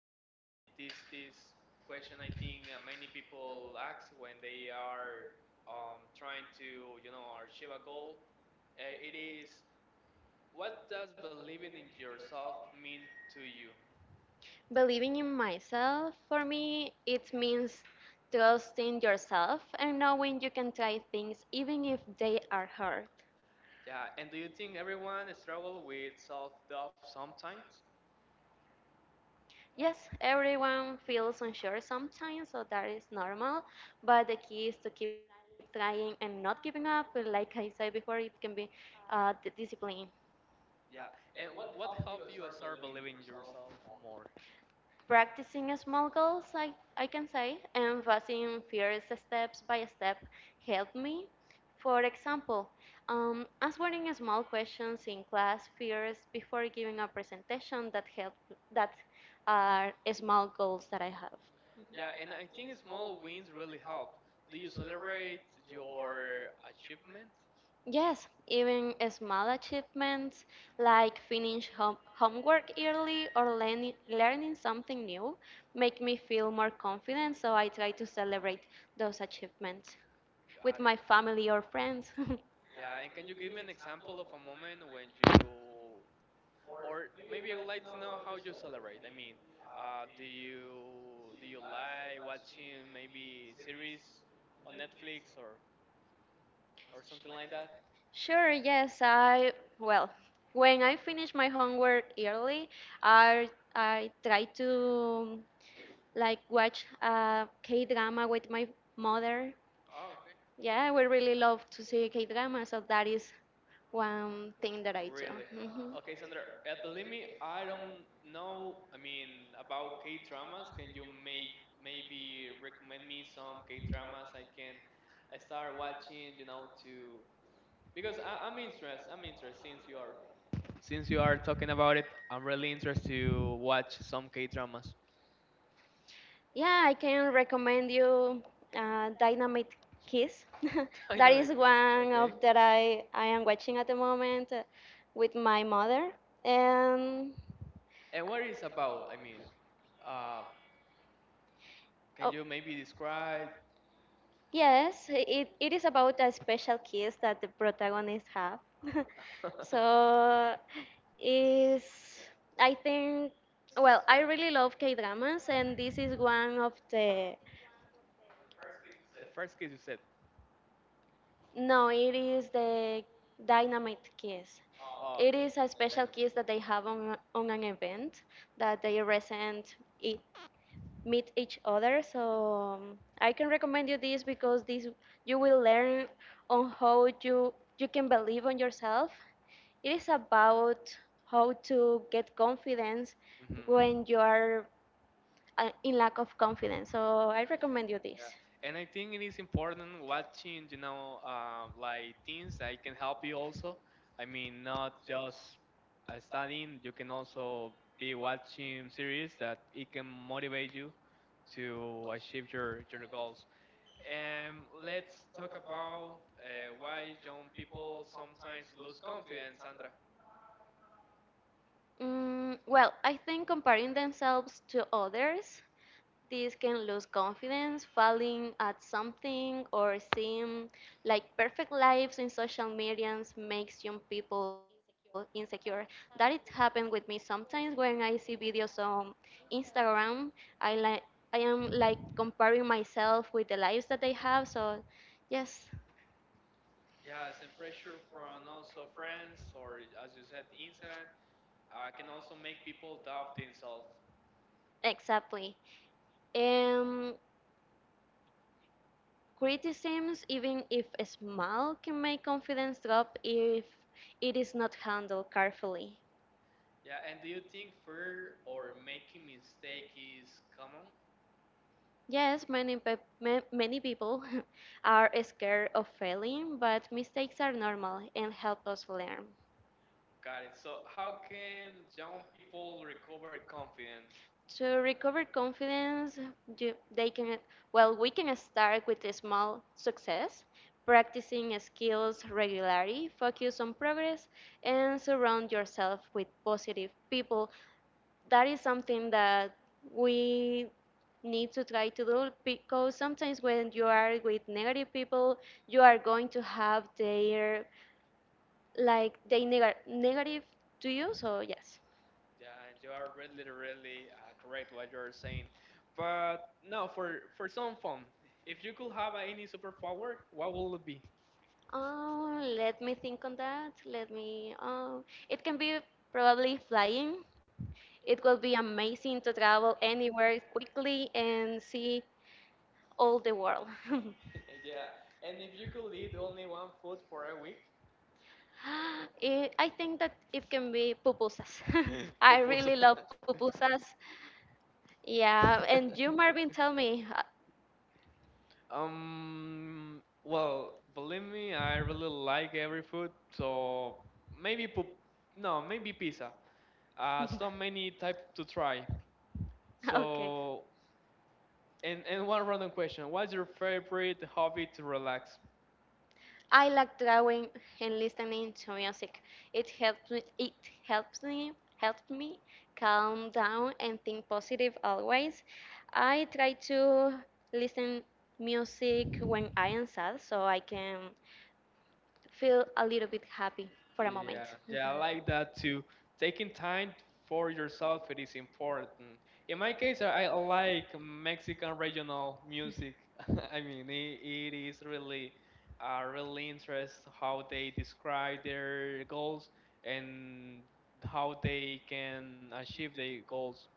that it is this question I think many people ask when they are trying to achieve a goal. It is what does believing in yourself mean to you? Believing in myself, for me, it means trusting yourself and knowing you can try things even if they are hard. Yeah, and do you think everyone struggle with self-doubt sometimes? Yes, everyone feels unsure sometimes, so that is normal, but the key is to keep trying and not giving up. Like I said before, it can be discipline. Yeah, and what helped you start believing in yourself more? Practicing small goals, I can say, and facing fears steps by step helped me. For example, answering small questions in class fears before giving a presentation that helped that are small goals that I have. Yeah, and I think small wins really help. Do you celebrate your achievement? Yes, even small achievements like finish homework early or learning something new make me feel more confident, so I try to celebrate those achievements with Got it. my family or friends. Yeah, and can you give me an example of a moment when you, or maybe I would like to know how you celebrate. I mean, do you like watching maybe series on Netflix or something like that? Sure, yes, well, when I finish my homework early, I, I try to like watch a K-drama with my mother. Oh, okay. Yeah, we really love to see K drama, so that is one thing that I do. Really? Hmm. Okay, Sandra, believe me, I don't know, I mean, about K-dramas. Can you make maybe recommend me some K-dramas I start watching, you know, to because I'm interested. I'm interested since you are talking about it. I'm really interested to watch some K dramas. Yeah, I can recommend you Dynamite Kiss. That is Dynamic. one Cooking, okay. of that I am watching at the moment with my mother. And And what is about? I mean, uh, can oh, you maybe describe? yes, it is about a special kiss that the protagonists have. So is Yeah. I think, well, I really love K dramas, and this is one of the The first case you said. no, it is the dynamite kiss. Oh, okay. It is a special Dynamic. kiss that they have on an event that they resent it meet each other. So I can recommend you this because this you will learn on how you can believe on yourself. It is about how to get confidence Mm-hmm. when you are in lack of confidence. So I recommend you this. Yeah, and I think it is important watching, like things that can help you also. I mean, not just studying, you can also be watching series that it can motivate you to achieve your goals. And let's talk about why young people sometimes lose confidence, Sandra. Well, I think comparing themselves to others, this can lose confidence, falling at something, or seeing like perfect lives in social medias makes young people insecure. That it happened with me sometimes when I see videos on Instagram. I like I am like comparing myself with the lives that they have. So, yes, Yes, and pressure from also friends or, as you said, Instagram can also make people doubt themselves. exactly. Um, Criticisms, even if small, can make confidence drop if it is not handled carefully. Yeah, and do you think fear or making mistake is common? Yes, many people are scared of failing, but mistakes are normal and help us learn. Got it. So how can young people recover confidence? To recover confidence, you- they can well we can start with a small success, practicing skills regularly, focus on progress, and surround yourself with positive people. That is something that we need to try to do, because sometimes when you are with negative people, you are going to have their like they negative to you. So yes. Yeah, and you are really, really, really, correct what you're saying. But now for some fun, if you could have any superpower, what will it be? Oh, let me think on that. Let me oh It can be probably flying. It will be amazing to travel anywhere quickly and see all the world. Yeah, and if you could eat only one food for a week, I think that it can be pupusas. I really love pupusas. Yeah, and you, Marvin, tell me. Well, believe me, I really like every food, so maybe no, maybe pizza. So many type to try. Okay. So, and one random question: what's your favorite hobby to relax? I like drawing and listening to music. It helps me. It helps me. Helps me calm down and think positive always. I try to listen music when I am sad, so I can feel a little bit happy for a moment. Yeah, Mhm. yeah, I like that too. Taking time for yourself it is important. In my case, I like Mexican regional music. I mean, it is really, really interest how they describe their goals and how they can achieve their goals,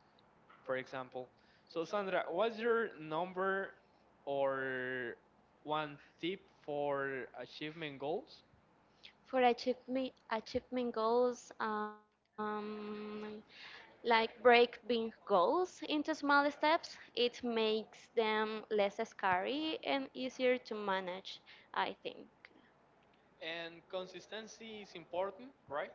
for example. So, Sandra, what's your number or one tip for achievement goals? For achievement goals, like break big goals into small steps, it makes them less scary and easier to manage, I think. And consistency is important, right?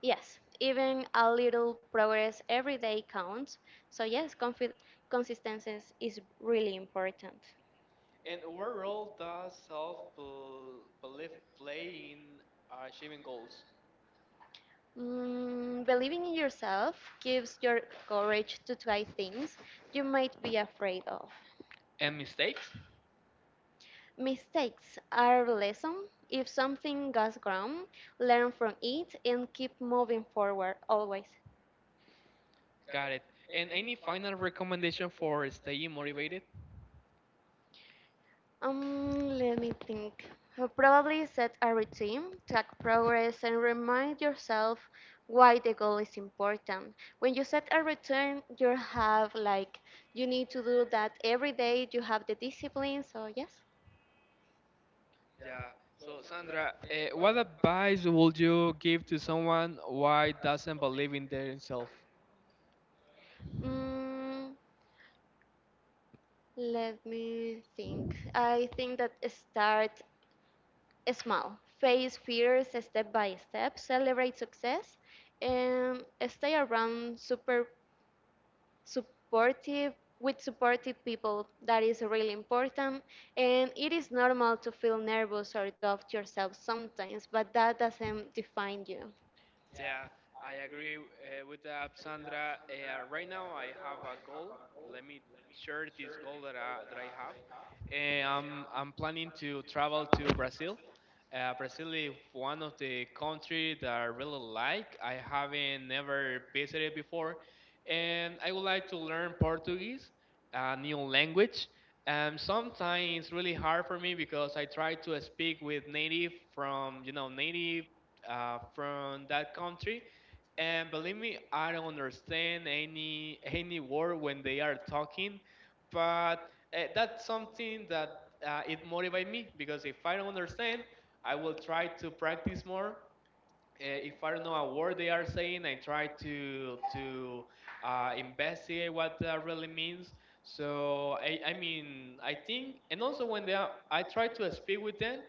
Yes, even a little progress every day counts, so yes, consistency is really important. And what role does self belief play in achieving goals? Believing in yourself gives your courage to try things you might be afraid of. And mistakes? Mistakes are a lesson. If something goes wrong, learn from it and keep moving forward always. Got it. And any final recommendation for staying motivated? Let me think. Probably set a routine, track progress, and remind yourself why the goal is important. When you set a routine, you have like you need to do that every day. You have the discipline. So yes. Yeah. So, Sandra, what advice would you give to someone who doesn't believe in themselves? Mm, Let me think. I think that start small, face fears step by step, celebrate success, and stay around super supportive with supportive people. That is really important. And it is normal to feel nervous or doubt yourself sometimes, but that doesn't define you. Yeah, I agree with that, Sandra. Right now, I have a goal. Let me share this goal that I have. I'm planning to travel to Brazil. Brazil is one of the countries that I really like. I haven't never visited before, and I would like to learn Portuguese, a new language. Sometimes it's really hard for me because I try to speak with native from you know native from that country, and believe me, I don't understand any word when they are talking, but that's something that it motivates me because if I don't understand, I will try to practice more. If I don't know a word they are saying, I try to investigate what that really means. So I mean I think, and also I try to speak with them,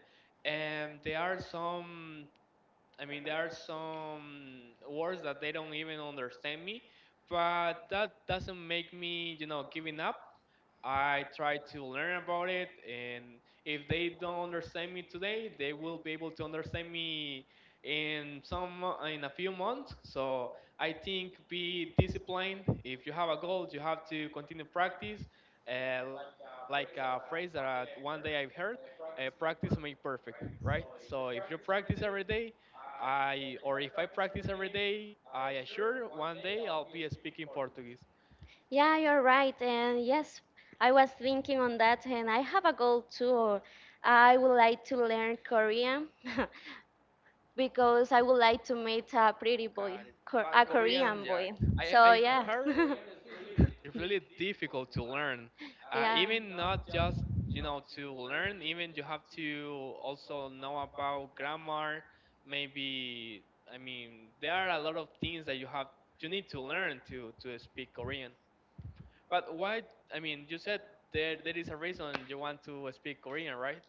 and there are some words that they don't even understand me, but that doesn't make me, giving up. I try to learn about it, and if they don't understand me today, they will be able to understand me in a few months. So I think be disciplined. If you have a goal, you have to continue practice. Like a phrase that one day I've heard, "Practice make perfect," right? So if you practice every day, I or if I practice every day, I assure one day I'll be speaking Portuguese. Yeah, you're right. And yes, I was thinking on that, and I have a goal too. I would like to learn Korean. Because I would like to meet a pretty Oh boy, God, a but Korean, Korean yeah, boy. I, So I yeah, heard Korean is really difficult to learn. Uh, yeah, even not yeah. just to learn, even you have to also know about grammar. Maybe I mean there are a lot of things that you need to learn to speak Korean. But why? I mean, you said there is a reason you want to speak Korean, right?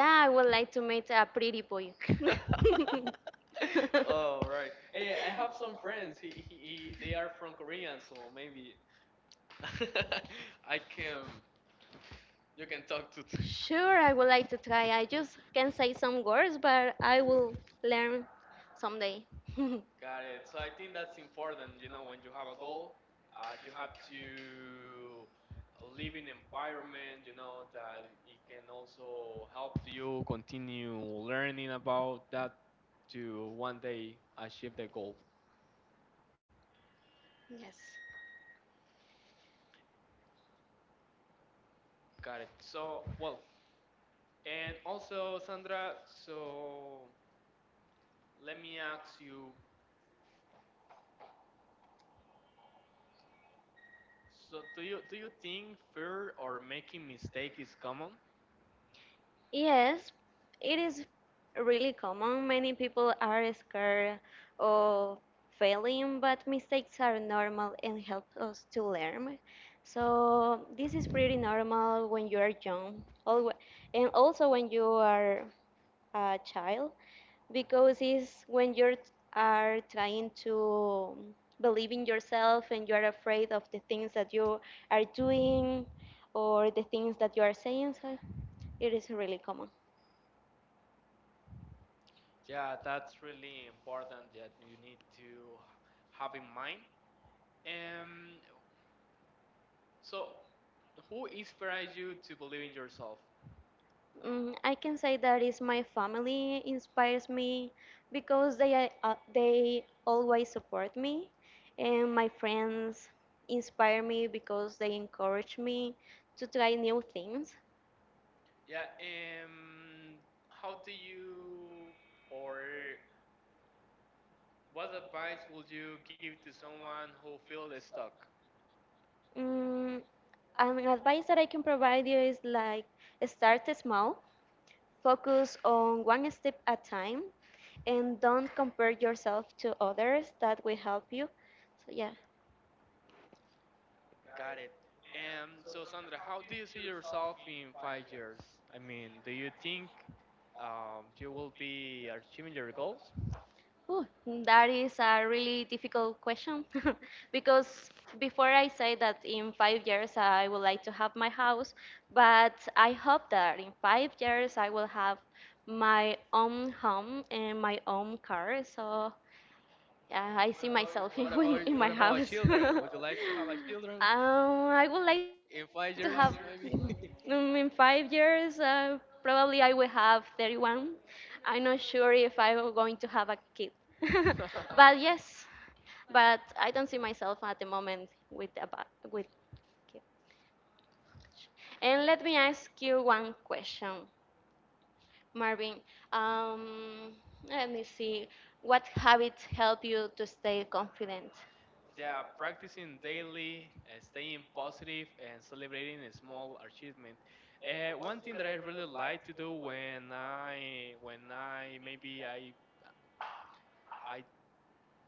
I would like to meet a pretty boy. Oh, right. Hey, I have some friends. He They are from Korean, so maybe I can you can talk to T- Sure, I would like to try. I just can say some words, but I will learn someday. Got it. So I think that's important. You know, when you have a goal, you have to live in environment. You know that it can also help you continue learning about that to one day achieve the goal. Yes. Got it. So, well, and also Sandra, so let me ask you, so do you think fear or making mistake is common? Yes, it is really common. Many people are scared of failing, but mistakes are normal and help us to learn. So this is pretty normal when you are young, and also when you are a child, because Mhm. it's when you are trying to believe in yourself and you are afraid of the things that you are doing or the things that you are saying. So it is really common. Yeah, that's really important that you need to have in mind. Um, so who inspires you to believe in yourself? I can say that is my family inspires me because they always support me, and my friends inspire me because they encourage me to try new things. Yeah, how do you or what advice would you give to someone who feels stuck? Mm, an advice that I can provide you is like start small, focus on one step at time, and don't compare yourself to others. That will help you. So yeah. Got it. And so, Sandra, how do you see yourself in 5 years? I mean, do you think you will be achieving your goals? Ooh, that is a really difficult question, because before I say that in 5 years I would like to have my house, but I hope that in 5 years I will have my own home and my own car. So yeah, I see What about myself in what when, about in my children? Would house. you like to have a children I would like in to have 5 years, maybe? In 5 years. Probably I will have 31. I'm not sure if I'm going to have a kid, but yes, but I don't see myself at the moment with kids. And let me ask you one question, Marvin. Um, Let me see. What habits help you to stay confident? Yeah, practicing daily, staying positive, and celebrating a small achievement. One thing that I really like to do when I maybe I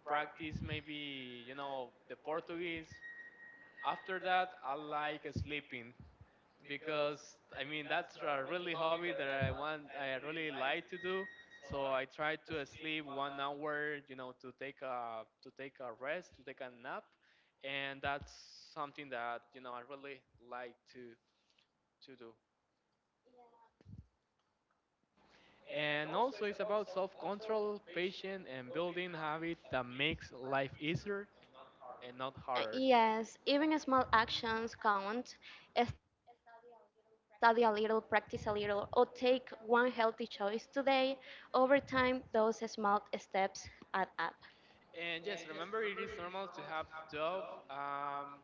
practice maybe the Portuguese. After that, I like sleeping because I mean that's a really hobby that I want. I really like to do. So I try to sleep one hour, to take a rest, to take a nap, and that's something that I really like to do. And also, it's about self-control, patience, and building habits that makes life easier and not harder. Yes, even small actions count. Study a little, practice a little, or take one healthy choice today. Over time, those small steps add up. And yes, remember it is normal to have doubt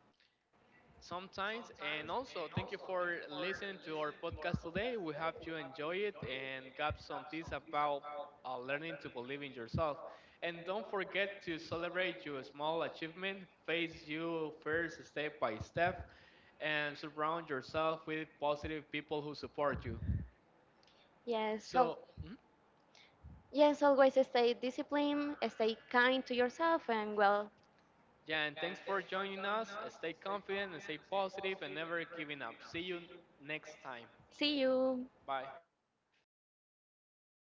sometimes. And also, thank you for listening to our podcast today. We hope you enjoy it and got some tips about learning to believe in yourself. And don't forget to celebrate your small achievement, face you first step by step, and surround yourself with positive people who support you. Yes, so So, mm-hmm. yes, always stay disciplined, stay kind to yourself, and well, Yeah, and thanks for joining us. Stay confident and stay positive and never giving up. See you next time. see you. Bye.